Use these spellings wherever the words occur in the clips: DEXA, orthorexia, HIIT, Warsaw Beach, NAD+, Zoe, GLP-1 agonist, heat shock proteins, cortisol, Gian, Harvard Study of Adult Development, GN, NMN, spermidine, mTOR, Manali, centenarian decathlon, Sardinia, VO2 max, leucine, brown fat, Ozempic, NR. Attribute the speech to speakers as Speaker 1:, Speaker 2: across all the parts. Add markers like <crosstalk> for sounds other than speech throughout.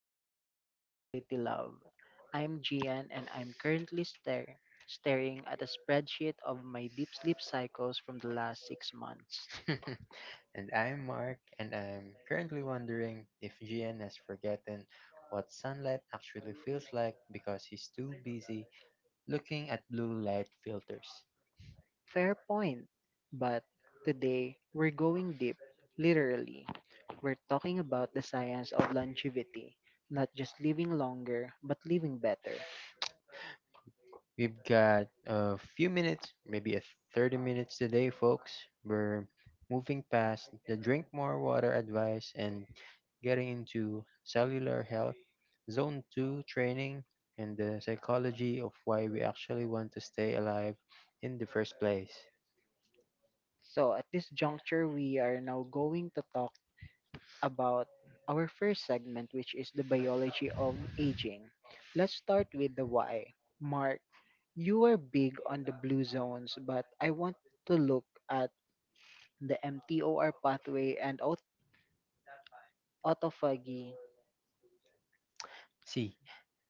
Speaker 1: Vitality Lab. I'm Gian and I'm currently staring at a spreadsheet of my deep sleep cycles from the last six months.
Speaker 2: <laughs> And I'm Mark, and I'm currently wondering if GN has forgotten what sunlight actually feels like because he's too busy looking at blue light filters.
Speaker 1: Fair point. But today, we're going deep, literally. We're talking about the science of longevity, not just living longer, but living better.
Speaker 2: We've got a few minutes, maybe a 30 minutes today, folks. We're moving past the drink more water advice and getting into cellular health, zone 2 training, and the psychology of why we actually want to stay alive in the first place.
Speaker 1: So, at this juncture, we are now going to talk about our first segment, which is the biology of aging. Let's start with the why. Mark, you are big on the blue zones, but I want to look at the MTOR pathway and autophagy,
Speaker 2: See,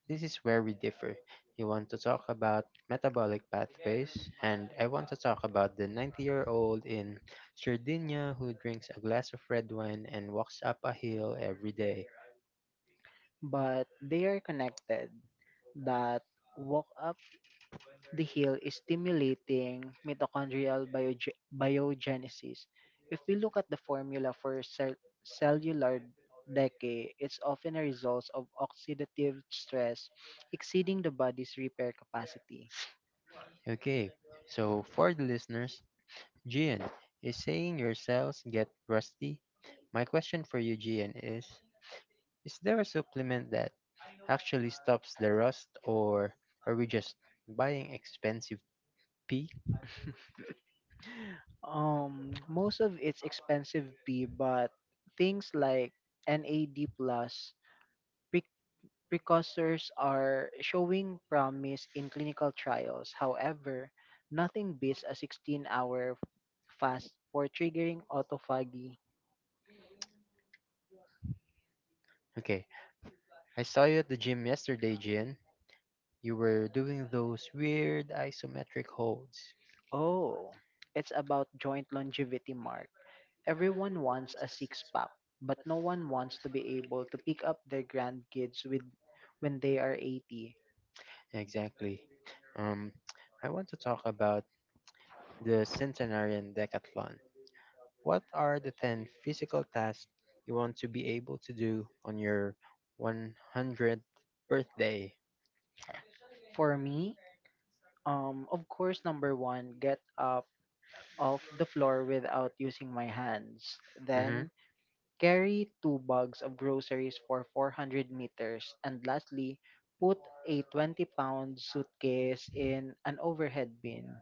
Speaker 2: this is where we differ. You want to talk about metabolic pathways, and I want to talk about the 90-year-old in Sardinia who drinks a glass of red wine and walks up a hill every day.
Speaker 1: but they are connected. That walk up the heel is stimulating mitochondrial biogenesis. If we look at the formula for cellular decay, it's often a result of oxidative stress exceeding the body's repair capacity.
Speaker 2: Okay, so for the listeners, Gian, is saying your cells get rusty? My question for you, Gian, is there a supplement that actually stops the rust, or are we just buying expensive pee?
Speaker 1: Most of it's expensive B, but things like NAD plus pre- precursors are showing promise in clinical trials. However, nothing beats a 16-hour fast for triggering autophagy.
Speaker 2: Okay, I saw you at the gym yesterday, Jin. You were doing those weird isometric holds.
Speaker 1: Oh, it's about joint longevity, Mark. Everyone wants a six pack, but no one wants to be able to pick up their grandkids with when they are 80.
Speaker 2: Exactly. Um, I want to talk about the centenarian decathlon. What are the 10 physical tasks you want to be able to do on your 100th birthday?
Speaker 1: For me, of course, number one, get up off the floor without using my hands.
Speaker 2: hmm
Speaker 1: Then, carry two bags of groceries for 400 meters. And lastly, put a 20 pound suitcase in an overhead bin.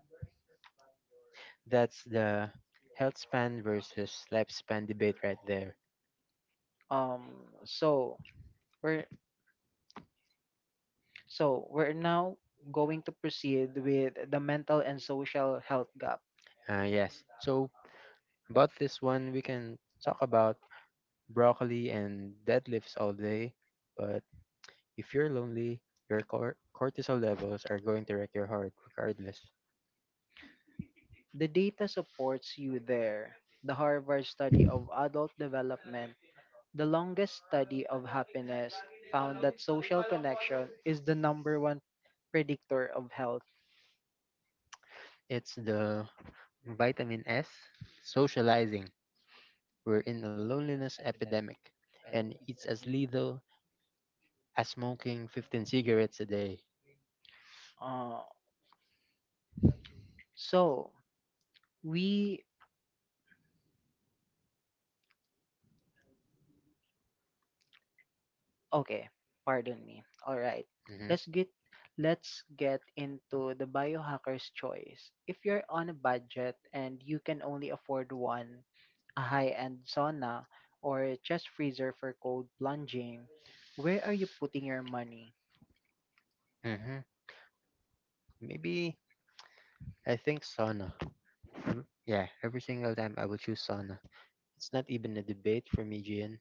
Speaker 2: That's the health span versus lifespan debate right there.
Speaker 1: Um, so we're so we're now going to proceed with the mental and social health gap.
Speaker 2: Yes. About this one, we can talk about broccoli and deadlifts all day, but if you're lonely, your cortisol levels are going to wreck your heart regardless.
Speaker 1: The data supports you there. The Harvard study of adult development, the longest study of happiness, found that social connection is the number one predictor of health.
Speaker 2: It's the vitamin S socializing. We're in a loneliness epidemic, and it's as lethal as smoking 15 cigarettes a day.
Speaker 1: Uh, so we Okay, pardon me. All right.
Speaker 2: hmm
Speaker 1: Let's get let's get into the biohacker's choice. If you're on a budget and you can only afford one, a high-end sauna or a chest freezer for cold plunging, where are you putting your money?
Speaker 2: hmm Maybe I think sauna. Yeah, every single time I will choose sauna. It's not even a debate for me, Gian.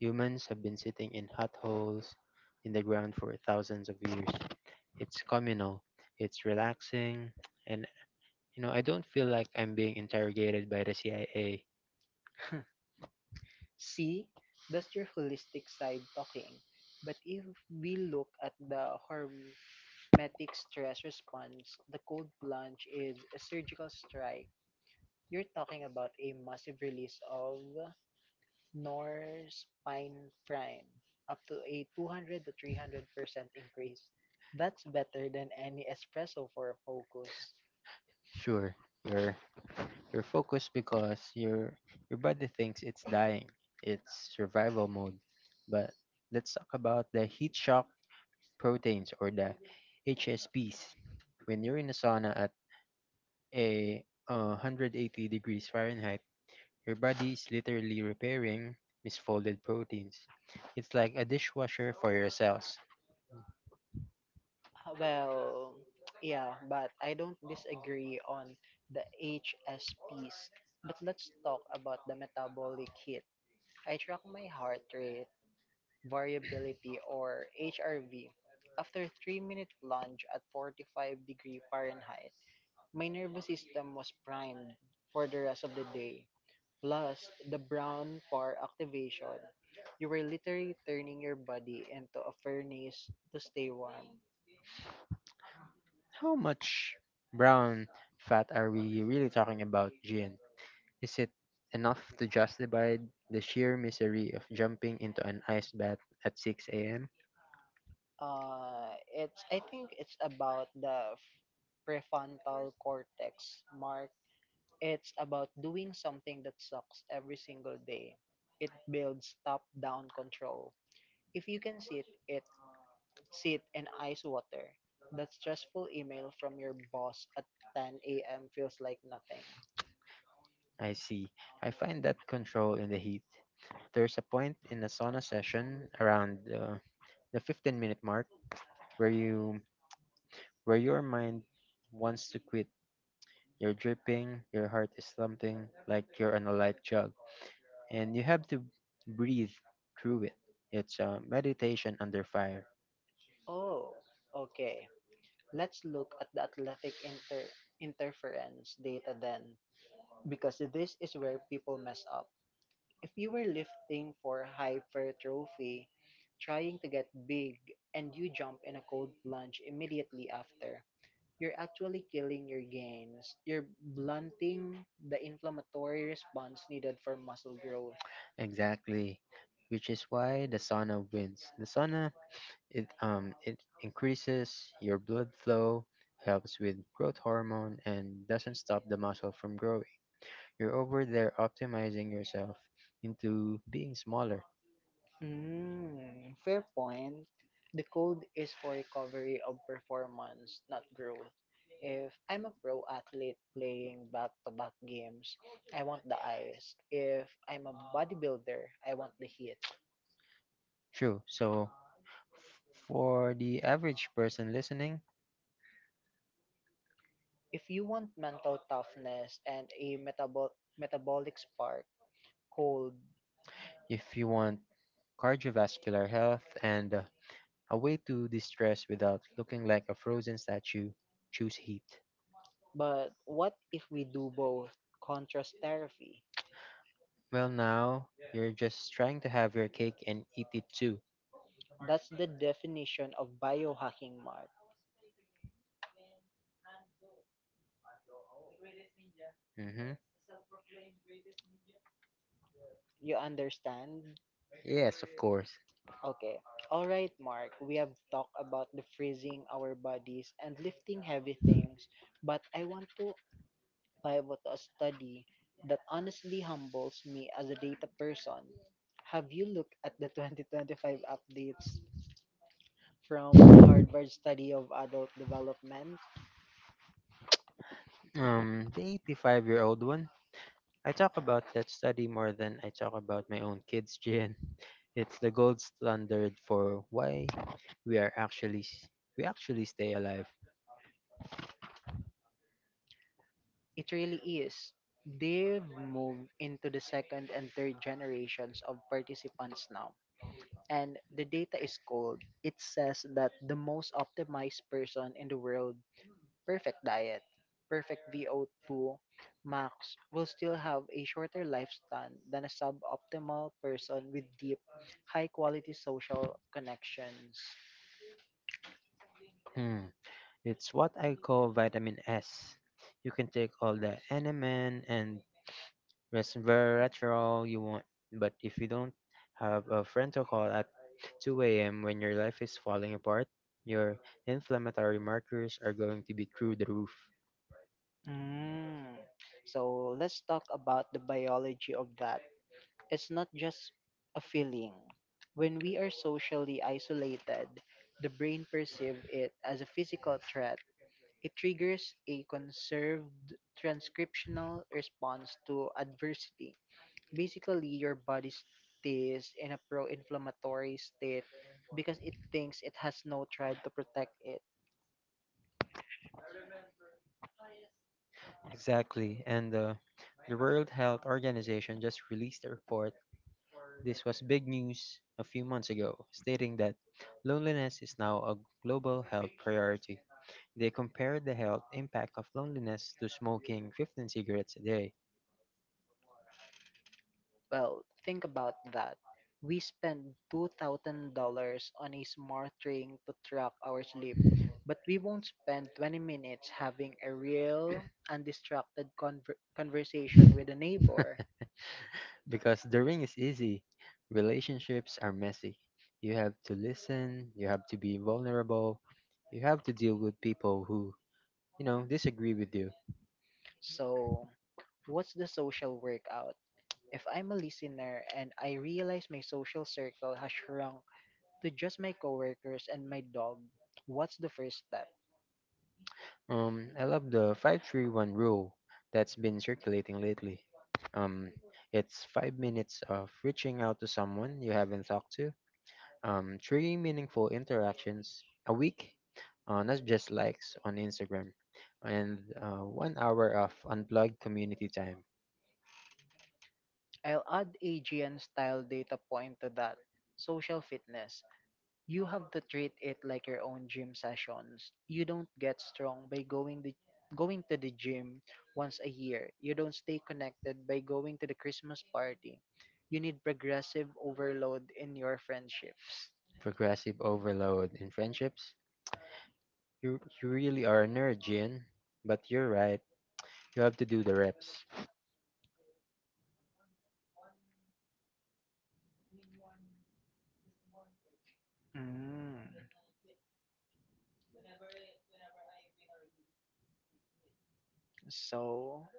Speaker 2: Humans have been sitting in hot holes in the ground for thousands of years. It's communal, it's relaxing, and you know, I don't feel like I'm being interrogated by the CIA.
Speaker 1: See, that's your holistic side talking. But if we look at the hormetic stress response, the cold plunge is a surgical strike. You're talking about a massive release of Norspine Prime, up to a 200 to 300% increase. That's better than any espresso for a focus.
Speaker 2: Sure, you're you're focused because your body thinks it's dying. It's survival mode. But let's talk about the heat shock proteins or the HSPs. When you're in a sauna at a 180 degrees Fahrenheit, your body is literally repairing misfolded proteins. It's like a dishwasher for your cells.
Speaker 1: Well, yeah, but I don't disagree on the HSPs. But let's talk about the metabolic hit. I track my heart rate variability or HRV. After 3-minute plunge at 45-degree Fahrenheit, my nervous system was primed for the rest of the day. Plus, the brown for activation. You were literally turning your body into a furnace to stay warm.
Speaker 2: How much brown fat are we really talking about, Jin? Is it enough to justify the sheer misery of jumping into an ice bath at 6 a.m.?
Speaker 1: It's I think it's about the prefrontal cortex, Mark. It's about doing something that sucks every single day. It builds top-down control. If you can sit and ice water, that stressful email from your boss at 10 a.m. feels like nothing.
Speaker 2: I see. I find that control in the heat. There's a point in a sauna session around the 15-minute mark where you where your mind wants to quit. You're dripping, your heart is thumping like you're on a light jug, and you have to breathe through it. It's a meditation under fire.
Speaker 1: Oh, okay. Let's look at the athletic interference data then, because this is where people mess up. If you were lifting for hypertrophy, trying to get big, and you jump in a cold plunge immediately after, you're actually killing your gains. You're blunting the inflammatory response needed for muscle growth.
Speaker 2: Exactly, which is why the sauna wins. The sauna, it increases your blood flow, helps with growth hormone, and doesn't stop the muscle from growing. You're over there optimizing yourself into being smaller.
Speaker 1: Mm, fair point. The code is for recovery of performance, not growth. If I'm a pro athlete playing back to back games, I want the ice. If I'm a bodybuilder, I want the heat.
Speaker 2: True. So, for the average person listening,
Speaker 1: If you want mental toughness and a metabolic spark, cold.
Speaker 2: if you want cardiovascular health, and a way to distress without looking like a frozen statue. Choose heat.
Speaker 1: But what if we do both? Contrast therapy.
Speaker 2: Well, now you're just trying to have your cake and eat it too.
Speaker 1: That's the definition of biohacking, Mark.
Speaker 2: Mm-hmm.
Speaker 1: You understand?
Speaker 2: Yes, of course.
Speaker 1: Okay. All right, Mark. We have talked about the freezing our bodies and lifting heavy things, but I want to pivot to a study that honestly humbles me as a data person. Have you looked at the <laughs> 2025 updates from Harvard Study of Adult Development?
Speaker 2: The 85-year-old one. I talk about that study more than I talk about my own kids, <laughs> Jen. It's the gold standard for why we are actually we actually stay alive.
Speaker 1: It really is. They've moved into the second and third generations of participants now, and the data is cold. It says that the most optimized person in the world, perfect diet, perfect VO2 max, will still have a shorter lifespan than a suboptimal person with deep, high quality social connections.
Speaker 2: Hmm. It's what I call vitamin S. You can take all the NMN and that's retro you want, but if you don't have a friend to call at 2 a.m. when your life is falling apart, your inflammatory markers are going to be through the roof.
Speaker 1: Mm. So let's talk about the biology of that. It's not just a feeling. When we are socially isolated, the brain perceives it as a physical threat. It triggers a conserved transcriptional response to adversity. Basically, your body stays in a pro inflammatory state because it thinks it has no tribe to protect it.
Speaker 2: Exactly, and the World Health Organization just released a report. This was big news a few months ago, stating that loneliness is now a global health priority. They compared the health impact of loneliness to smoking 15 cigarettes a day.
Speaker 1: Well, think about that. We spend $2,000 on a smart ring to track our sleep, but we won't spend 20 minutes having a real, undistracted conversation with a neighbor.
Speaker 2: Because the ring is easy, relationships are messy. You have to listen, you have to be vulnerable, you have to deal with people who, you know, disagree with you.
Speaker 1: So, what's the social workout? If I'm a listener and I realize my social circle has shrunk to just my coworkers and my dog, what's the first step?
Speaker 2: I love the 531 rule that's been circulating lately. Um, it's 5 minutes of reaching out to someone you haven't talked to, three meaningful interactions a week, not just likes on Instagram, and 1 hour of unplugged community time.
Speaker 1: I'll add a G N style data point to that: social fitness. You have to treat it like your own gym sessions. You don't get strong by going to the gym once a year. You don't stay connected by going to the Christmas party. You need progressive overload in your friendships.
Speaker 2: Progressive overload in friendships. You really are a nerd, Jin. But you're right. You have to do the reps.
Speaker 1: Mm. So,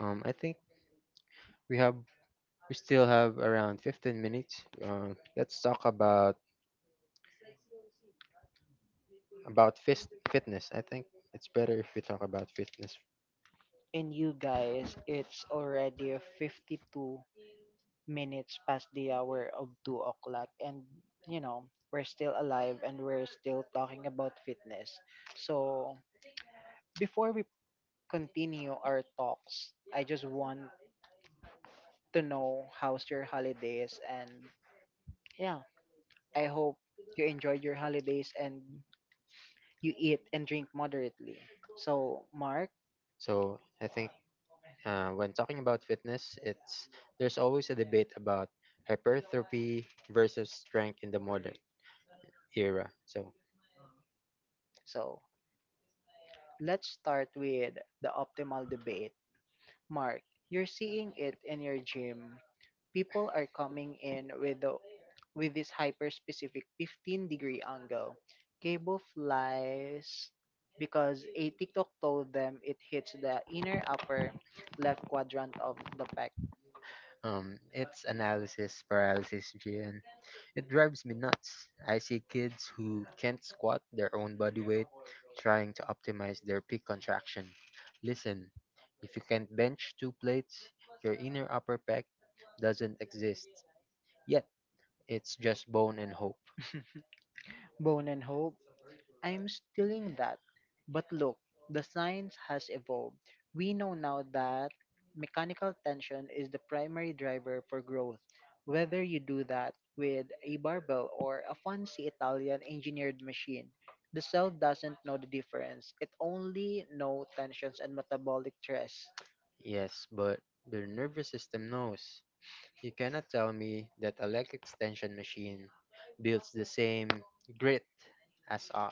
Speaker 2: I think we have we still have around 15 minutes. Let's talk about fist fitness. I think it's better if we talk about fitness.
Speaker 1: in you guys, it's already 52 minutes past the hour of 2 o'clock. And, you know, we're still alive and we're still talking about fitness. So, before we continue our talks, I just want to know how's your holidays and, yeah, I hope you enjoyed your holidays and you eat and drink moderately. So, Mark,
Speaker 2: So I think when talking about fitness, it's there's always a debate about hypertrophy versus strength in the modern era. So
Speaker 1: so let's start with the optimal debate. Mark, you're seeing it in your gym. People are coming in with this hyper specific 15-degree angle. Cable flies because a TikTok told them it hits the inner upper left quadrant of the
Speaker 2: it's analysis paralysis, Jin. It drives me nuts. I see kids who can't squat their own body weight trying to optimize their peak contraction. Listen, if you can't bench two plates, your inner upper pec doesn't exist. Yet, it's just bone and hope.
Speaker 1: bone and hope. I'm stealing that. But look, the science has evolved. We know now that mechanical tension is the primary driver for growth. Whether you do that with a barbell or a fancy Italian engineered machine, the cell doesn't know the difference. It only knows tensions and metabolic stress.
Speaker 2: Yes, but the nervous system knows. You cannot tell me that a leg extension machine builds the same grit as a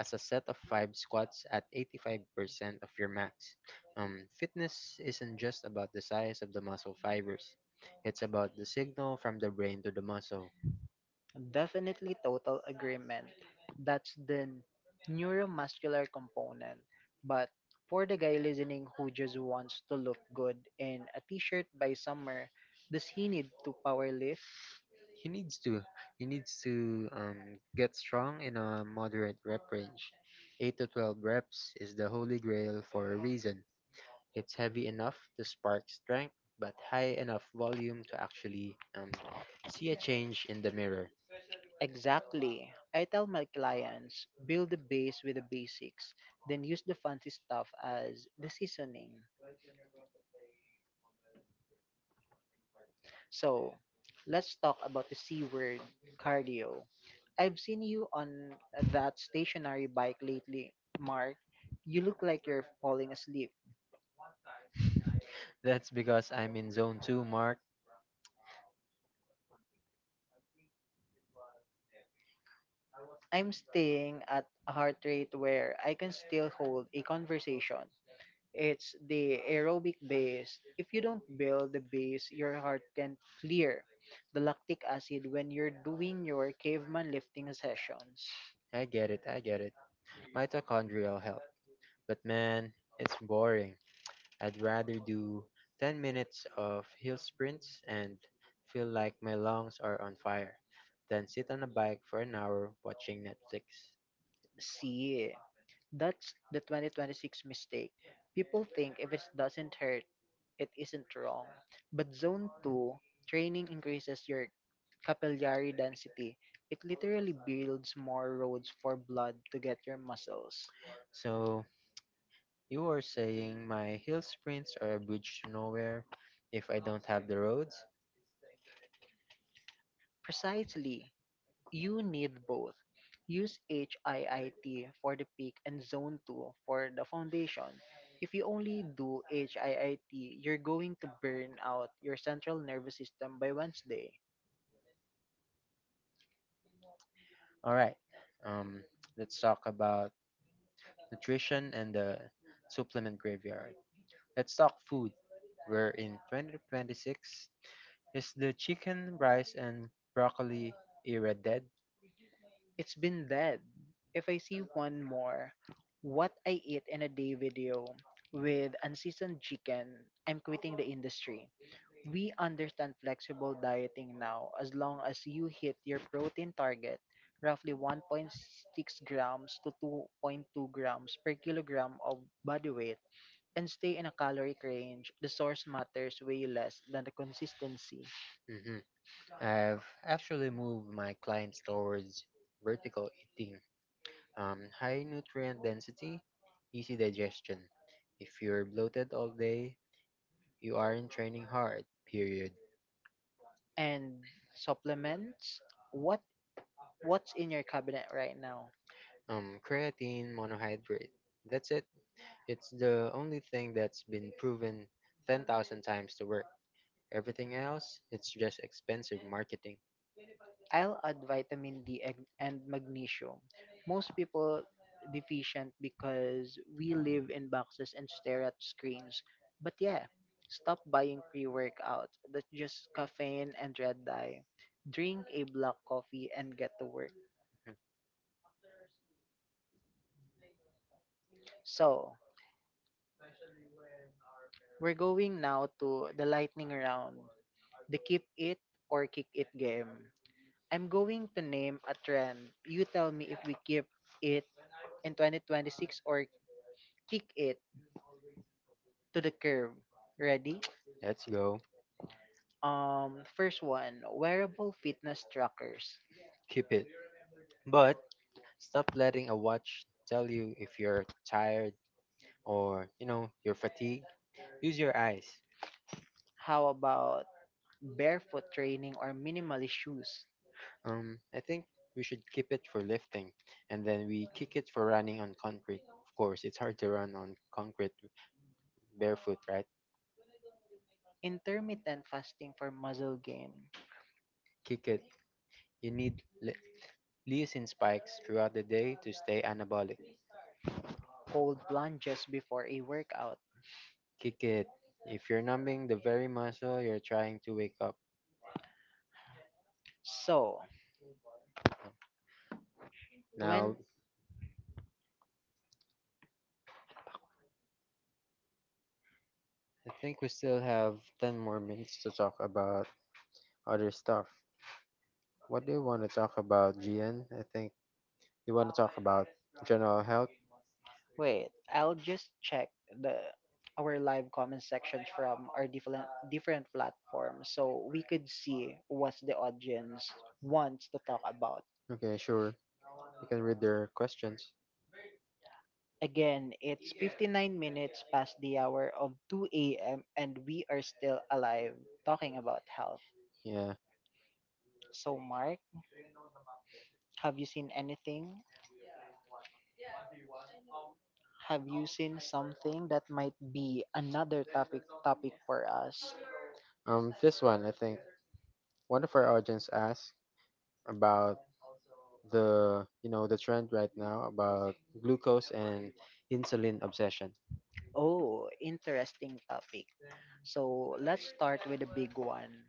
Speaker 2: set of five squats at 85% of your max. Fitness isn't just about the size of the muscle fibers. It's about the signal from the brain to the muscle.
Speaker 1: Definitely total agreement. That's the neuromuscular component. But for the guy listening who just wants to look good in a t-shirt by summer, does he need to power lift?
Speaker 2: He needs to he needs to get strong in a moderate rep range. 8 to 12 reps is the holy grail for a reason. It's heavy enough to spark strength, but high enough volume to actually see a change in the mirror.
Speaker 1: Exactly. I tell my clients, build the base with the basics, then use the fancy stuff as the seasoning. So, let's talk about the C word, cardio. I've seen you on that stationary bike lately, Mark. You look like you're falling asleep.
Speaker 2: <laughs> That's because I'm in zone 2, Mark.
Speaker 1: I'm staying at a heart rate where I can still hold a conversation. It's the aerobic base. If you don't build the base, your heart can clear the lactic acid when you're doing your caveman lifting sessions.
Speaker 2: I get it. Mitochondrial health. But man, it's boring. I'd rather do 10 minutes of hill sprints and feel like my lungs are on fire than sit on a bike for an hour watching Netflix.
Speaker 1: See, that's the 2026 mistake. People think if it doesn't hurt, it isn't wrong. But zone two training increases your capillary density. It literally builds more roads for blood to get your muscles.
Speaker 2: So, you are saying my hill sprints are a bridge to nowhere if I don't have the roads?
Speaker 1: Precisely, you need both. Use HIIT for the peak and zone two for the foundation. If you only do HIIT, you're going to burn out your central nervous system by Wednesday.
Speaker 2: All right. Um, let's talk about nutrition and the supplement graveyard. Let's talk food. We're in 2026. Is the chicken, rice, and broccoli era dead?
Speaker 1: It's been dead. If I see one more what I eat in a day video with unseasoned chicken, I'm quitting the industry. We understand flexible dieting now as long as you hit your protein target, roughly 1.6 grams to 2.2 grams per kilogram of body weight, and stay in a caloric range. The source matters way less than the consistency.
Speaker 2: hmm I've actually moved my clients towards vertical eating. High nutrient density, easy digestion. If you're bloated all day, you aren't training hard, period.
Speaker 1: And supplements? What What's in your cabinet right now?
Speaker 2: Creatine monohydrate. That's it. It's the only thing that's been proven 10,000 times to work. Everything else, it's just expensive marketing.
Speaker 1: I'll add vitamin D and magnesium. Most people deficient because we live in boxes and stare at screens. But yeah, stop buying pre-workout. That's just caffeine and red dye. Drink a black coffee and get to work.
Speaker 2: Mhm.
Speaker 1: So, we're going now to the lightning round, the keep it or kick it game. I'm going to name a trend. You tell me if we keep it in 2026 or kick it to the curb. Ready?
Speaker 2: Let's go.
Speaker 1: First one, wearable fitness trackers.
Speaker 2: Keep it. But stop letting a watch tell you if you're tired or, you know, you're fatigued. Use your eyes.
Speaker 1: How about barefoot training or minimalist shoes?
Speaker 2: I think we should keep it for lifting and then we kick it for running on concrete. Of course, it's hard to run on concrete barefoot, right?
Speaker 1: Intermittent fasting for muscle gain.
Speaker 2: Kick it. You need leucine spikes throughout the day to stay anabolic.
Speaker 1: Cold plunges before a workout.
Speaker 2: Kick it. If you're numbing the very muscle you're trying to wake up.
Speaker 1: So,
Speaker 2: Now,
Speaker 1: when
Speaker 2: I think we still have 10 more minutes to talk about other stuff. What do you want to talk about, Gian? I think you want to talk about general health.
Speaker 1: Wait, I'll just check the our live comment sections from our different platforms so we could see what the audience wants to talk about.
Speaker 2: Okay, sure. You can read their questions.
Speaker 1: Again, it's 59 minutes past the hour of 2 a.m. and we are still alive talking about health.
Speaker 2: Yeah.
Speaker 1: So, Mark, have you seen anything? Have you seen something that might be another topic for us?
Speaker 2: This one, I think one of our audience asked about the you know the trend right now about glucose and insulin obsession.
Speaker 1: Oh, interesting topic. So let's start with the big one,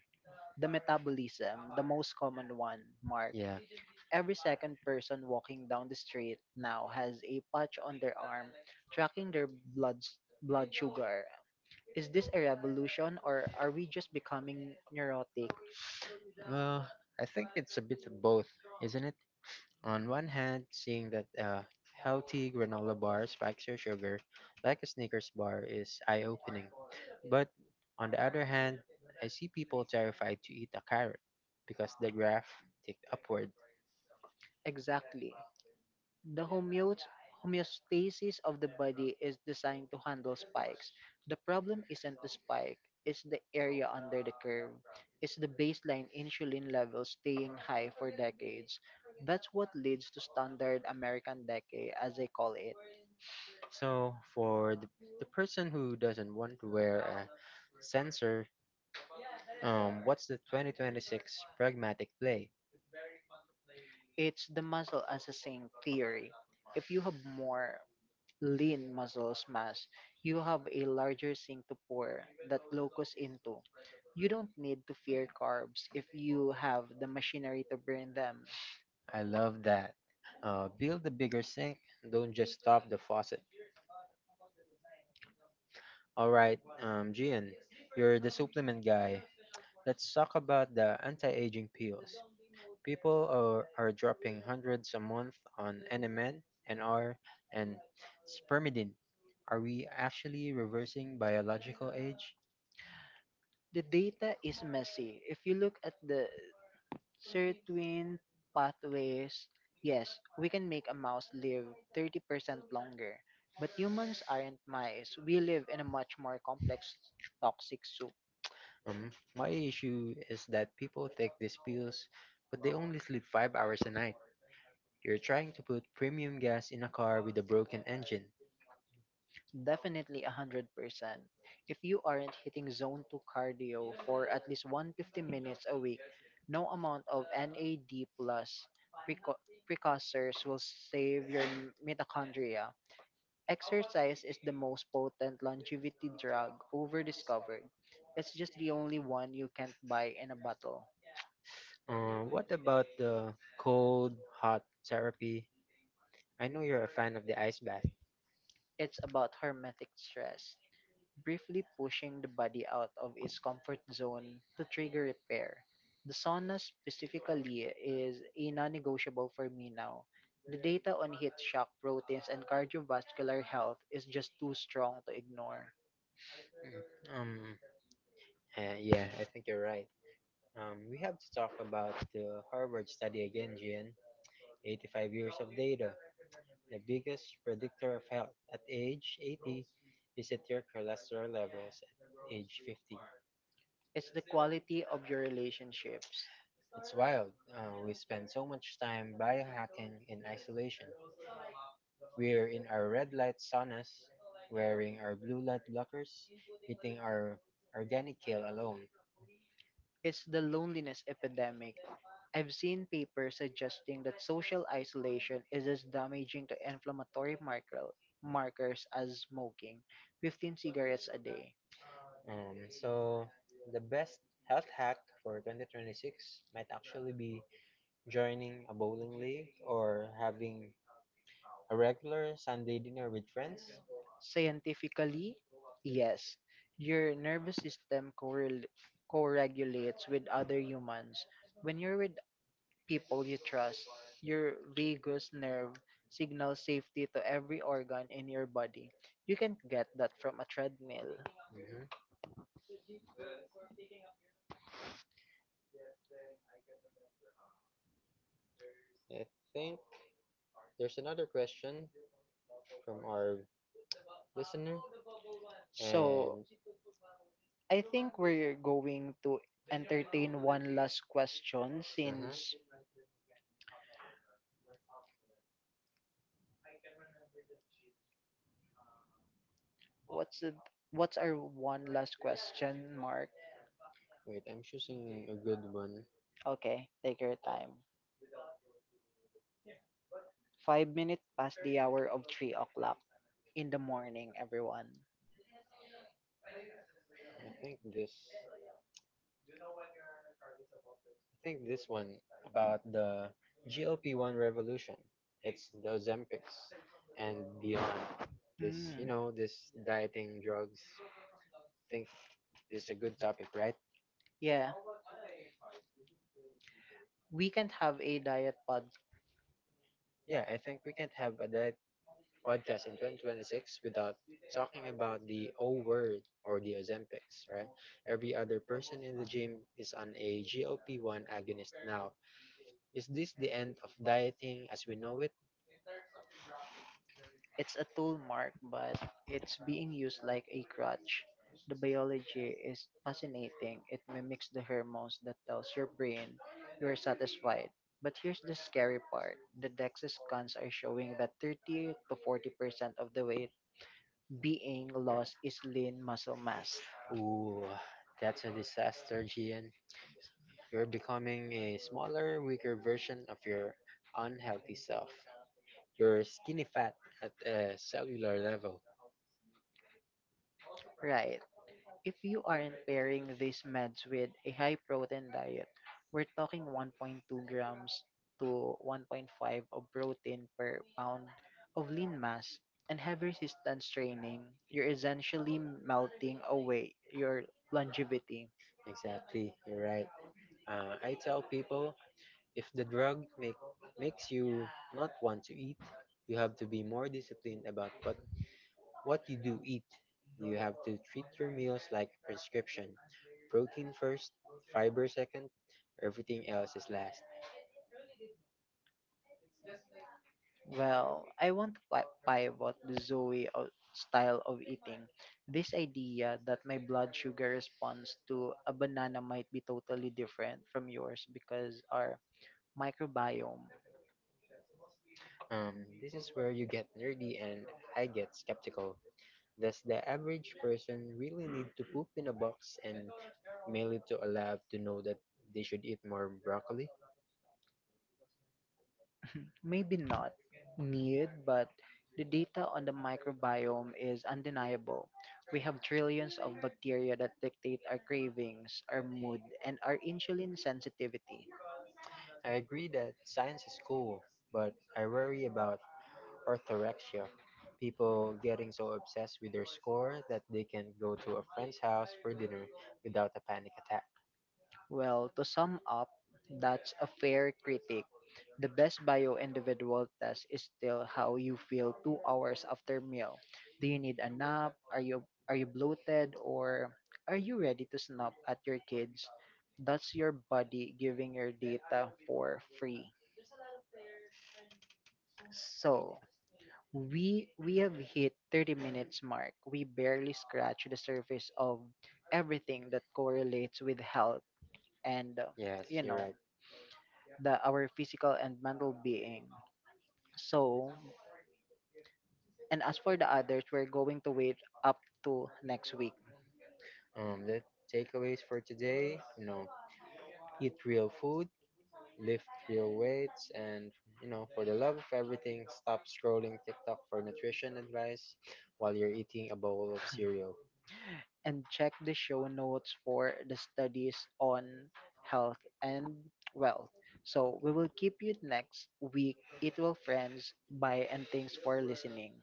Speaker 1: the metabolism, the most common one, Mark.
Speaker 2: Yeah.
Speaker 1: Every second person walking down the street now has a patch on their arm tracking their blood, blood sugar. Is this a revolution or are we just becoming neurotic?
Speaker 2: Well, I think it's a bit of both, isn't it? On one hand, seeing that healthy granola bar spikes your sugar like a Snickers bar is eye opening. But on the other hand, I see people terrified to eat a carrot because the graph ticked upward.
Speaker 1: Exactly. The homeostasis Homeostasis of the body is designed to handle spikes. The problem isn't the spike, it's the area under the curve. It's the baseline insulin level staying high for decades. That's what leads to standard American decay, as they call it.
Speaker 2: So for the person who doesn't want to wear a sensor, what's the 2026 pragmatic play?
Speaker 1: It's the muscle as a sink theory. If you have more lean muscle mass, you have a larger sink to pour that locus into. You don't need to fear carbs if you have the machinery to burn them.
Speaker 2: I love that. Build a bigger sink. Don't just stop the faucet. All right, Gian, you're the supplement guy. Let's talk about the anti-aging pills. People are dropping hundreds a month on NMN, NR, and spermidine. Are we actually reversing biological age?
Speaker 1: The data is messy. If you look at the certain pathways, yes, we can make a mouse live 30% longer. But humans aren't mice. We live in a much more complex toxic soup.
Speaker 2: My issue is that people take these pills, but they only sleep 5 hours a night. You're trying to put premium gas in a car with a broken engine.
Speaker 1: Definitely 100%. If you aren't hitting zone 2 cardio for at least 150 minutes a week, no amount of NAD plus precursors will save your mitochondria. Exercise is the most potent longevity drug ever discovered. It's just the only one you can't buy in a bottle.
Speaker 2: What about the cold, hot therapy? I know you're a fan of the ice bath.
Speaker 1: It's about hermetic stress, briefly pushing the body out of its comfort zone to trigger repair. The sauna specifically is a non-negotiable for me now. The data on heat shock proteins and cardiovascular health is just too strong to ignore.
Speaker 2: Mm, Um, yeah, I think you're right. We have to talk about the Harvard study again, Gian. 85 years of data. The biggest predictor of health at age 80 is at your cholesterol levels at age 50.
Speaker 1: It's the quality of your relationships.
Speaker 2: It's wild. We spend so much time biohacking in isolation. We're in our red light saunas, wearing our blue light blockers, eating our organic kale alone.
Speaker 1: It's the loneliness epidemic. I've seen papers suggesting that social isolation is as damaging to markers as smoking 15 cigarettes a day.
Speaker 2: So, the best health hack for 2026 might actually be joining a bowling league or having a regular Sunday dinner with friends?
Speaker 1: Scientifically, yes, your nervous system co-regulates with other humans. When you're with people you trust, your vagus nerve signals safety to every organ in your body. You can get that from a treadmill.
Speaker 2: hmm I think there's another question from our listener.
Speaker 1: So,
Speaker 2: And
Speaker 1: I think we're going to entertain one last question.
Speaker 2: mhm.
Speaker 1: Since what's it, what's our one last question, Mark?
Speaker 2: Wait, I'm choosing a good one.
Speaker 1: Okay, take your time. 5 minutes past the hour of 3 o'clock in the morning, everyone.
Speaker 2: I think this I think this one about the GLP-1 revolution. It's the Ozempics and beyond. This, you
Speaker 1: Hmm.
Speaker 2: know, this dieting drugs. Think it's a good topic, right?
Speaker 1: Yeah, we can have a diet pod.
Speaker 2: Yeah, I think we can't have a another podcast in 2026 without talking about the O word or the Ozempics, right? Every other person in the gym is on a GLP 1 agonist now. Is this the end of dieting as we know it?
Speaker 1: It's a tool, Mark, but it's being used like a crutch. The biology is fascinating. It mimics the hormones that tells your brain you're satisfied. But here's the scary part. The DEXA scans are showing that 30 to 40% of the weight being lost is lean muscle mass.
Speaker 2: Ooh, that's a disaster, Gian. You're becoming a smaller, weaker version of your unhealthy self. You're skinny fat at a cellular level.
Speaker 1: Right. If you aren't pairing these meds with a high protein diet, we're talking 1.2 grams to 1.5 of protein per pound of lean mass and heavy resistance training, you're essentially melting away your longevity.
Speaker 2: Exactly, you're right. I tell people if makes you not want to eat, you have to be more disciplined about what you do eat. You have to treat your meals like a prescription: protein first, fiber second, everything else is last.
Speaker 1: Well, I want to pivot the Zoe style of eating. This idea that my blood sugar response to a banana might be totally different from yours because our microbiome.
Speaker 2: This is where you get nerdy and I get skeptical. Does the average person really need to poop in a box and mail it to a lab to know that they should eat more broccoli?
Speaker 1: Maybe not needed, but the data on the microbiome is undeniable. We have trillions of bacteria that dictate our cravings, our mood, and our insulin sensitivity.
Speaker 2: I agree that science is cool, but I worry about orthorexia. People getting so obsessed with their score that they can go to a friend's house for dinner without a panic attack.
Speaker 1: Well, to sum up, that's a fair critic. The best bio individual test is still how you feel 2 hours after meal. Do you need a nap? Are you bloated or are you ready to snap at your kids? That's your body giving your data for free. So, we have hit 30 minutes mark. We barely scratch the surface of everything that correlates with health and
Speaker 2: Yes,
Speaker 1: you
Speaker 2: you're
Speaker 1: know,
Speaker 2: right.
Speaker 1: the our physical and mental being. So, and as for the others, we're going to wait up to next week
Speaker 2: The takeaways for today, you know, eat real food, lift real weights, and you know, for the love of everything, stop scrolling TikTok for nutrition advice while you're eating a bowl of cereal.
Speaker 1: and check the show notes for the studies on health and wealth. So we will keep you next week. It will friends. Bye and thanks for listening.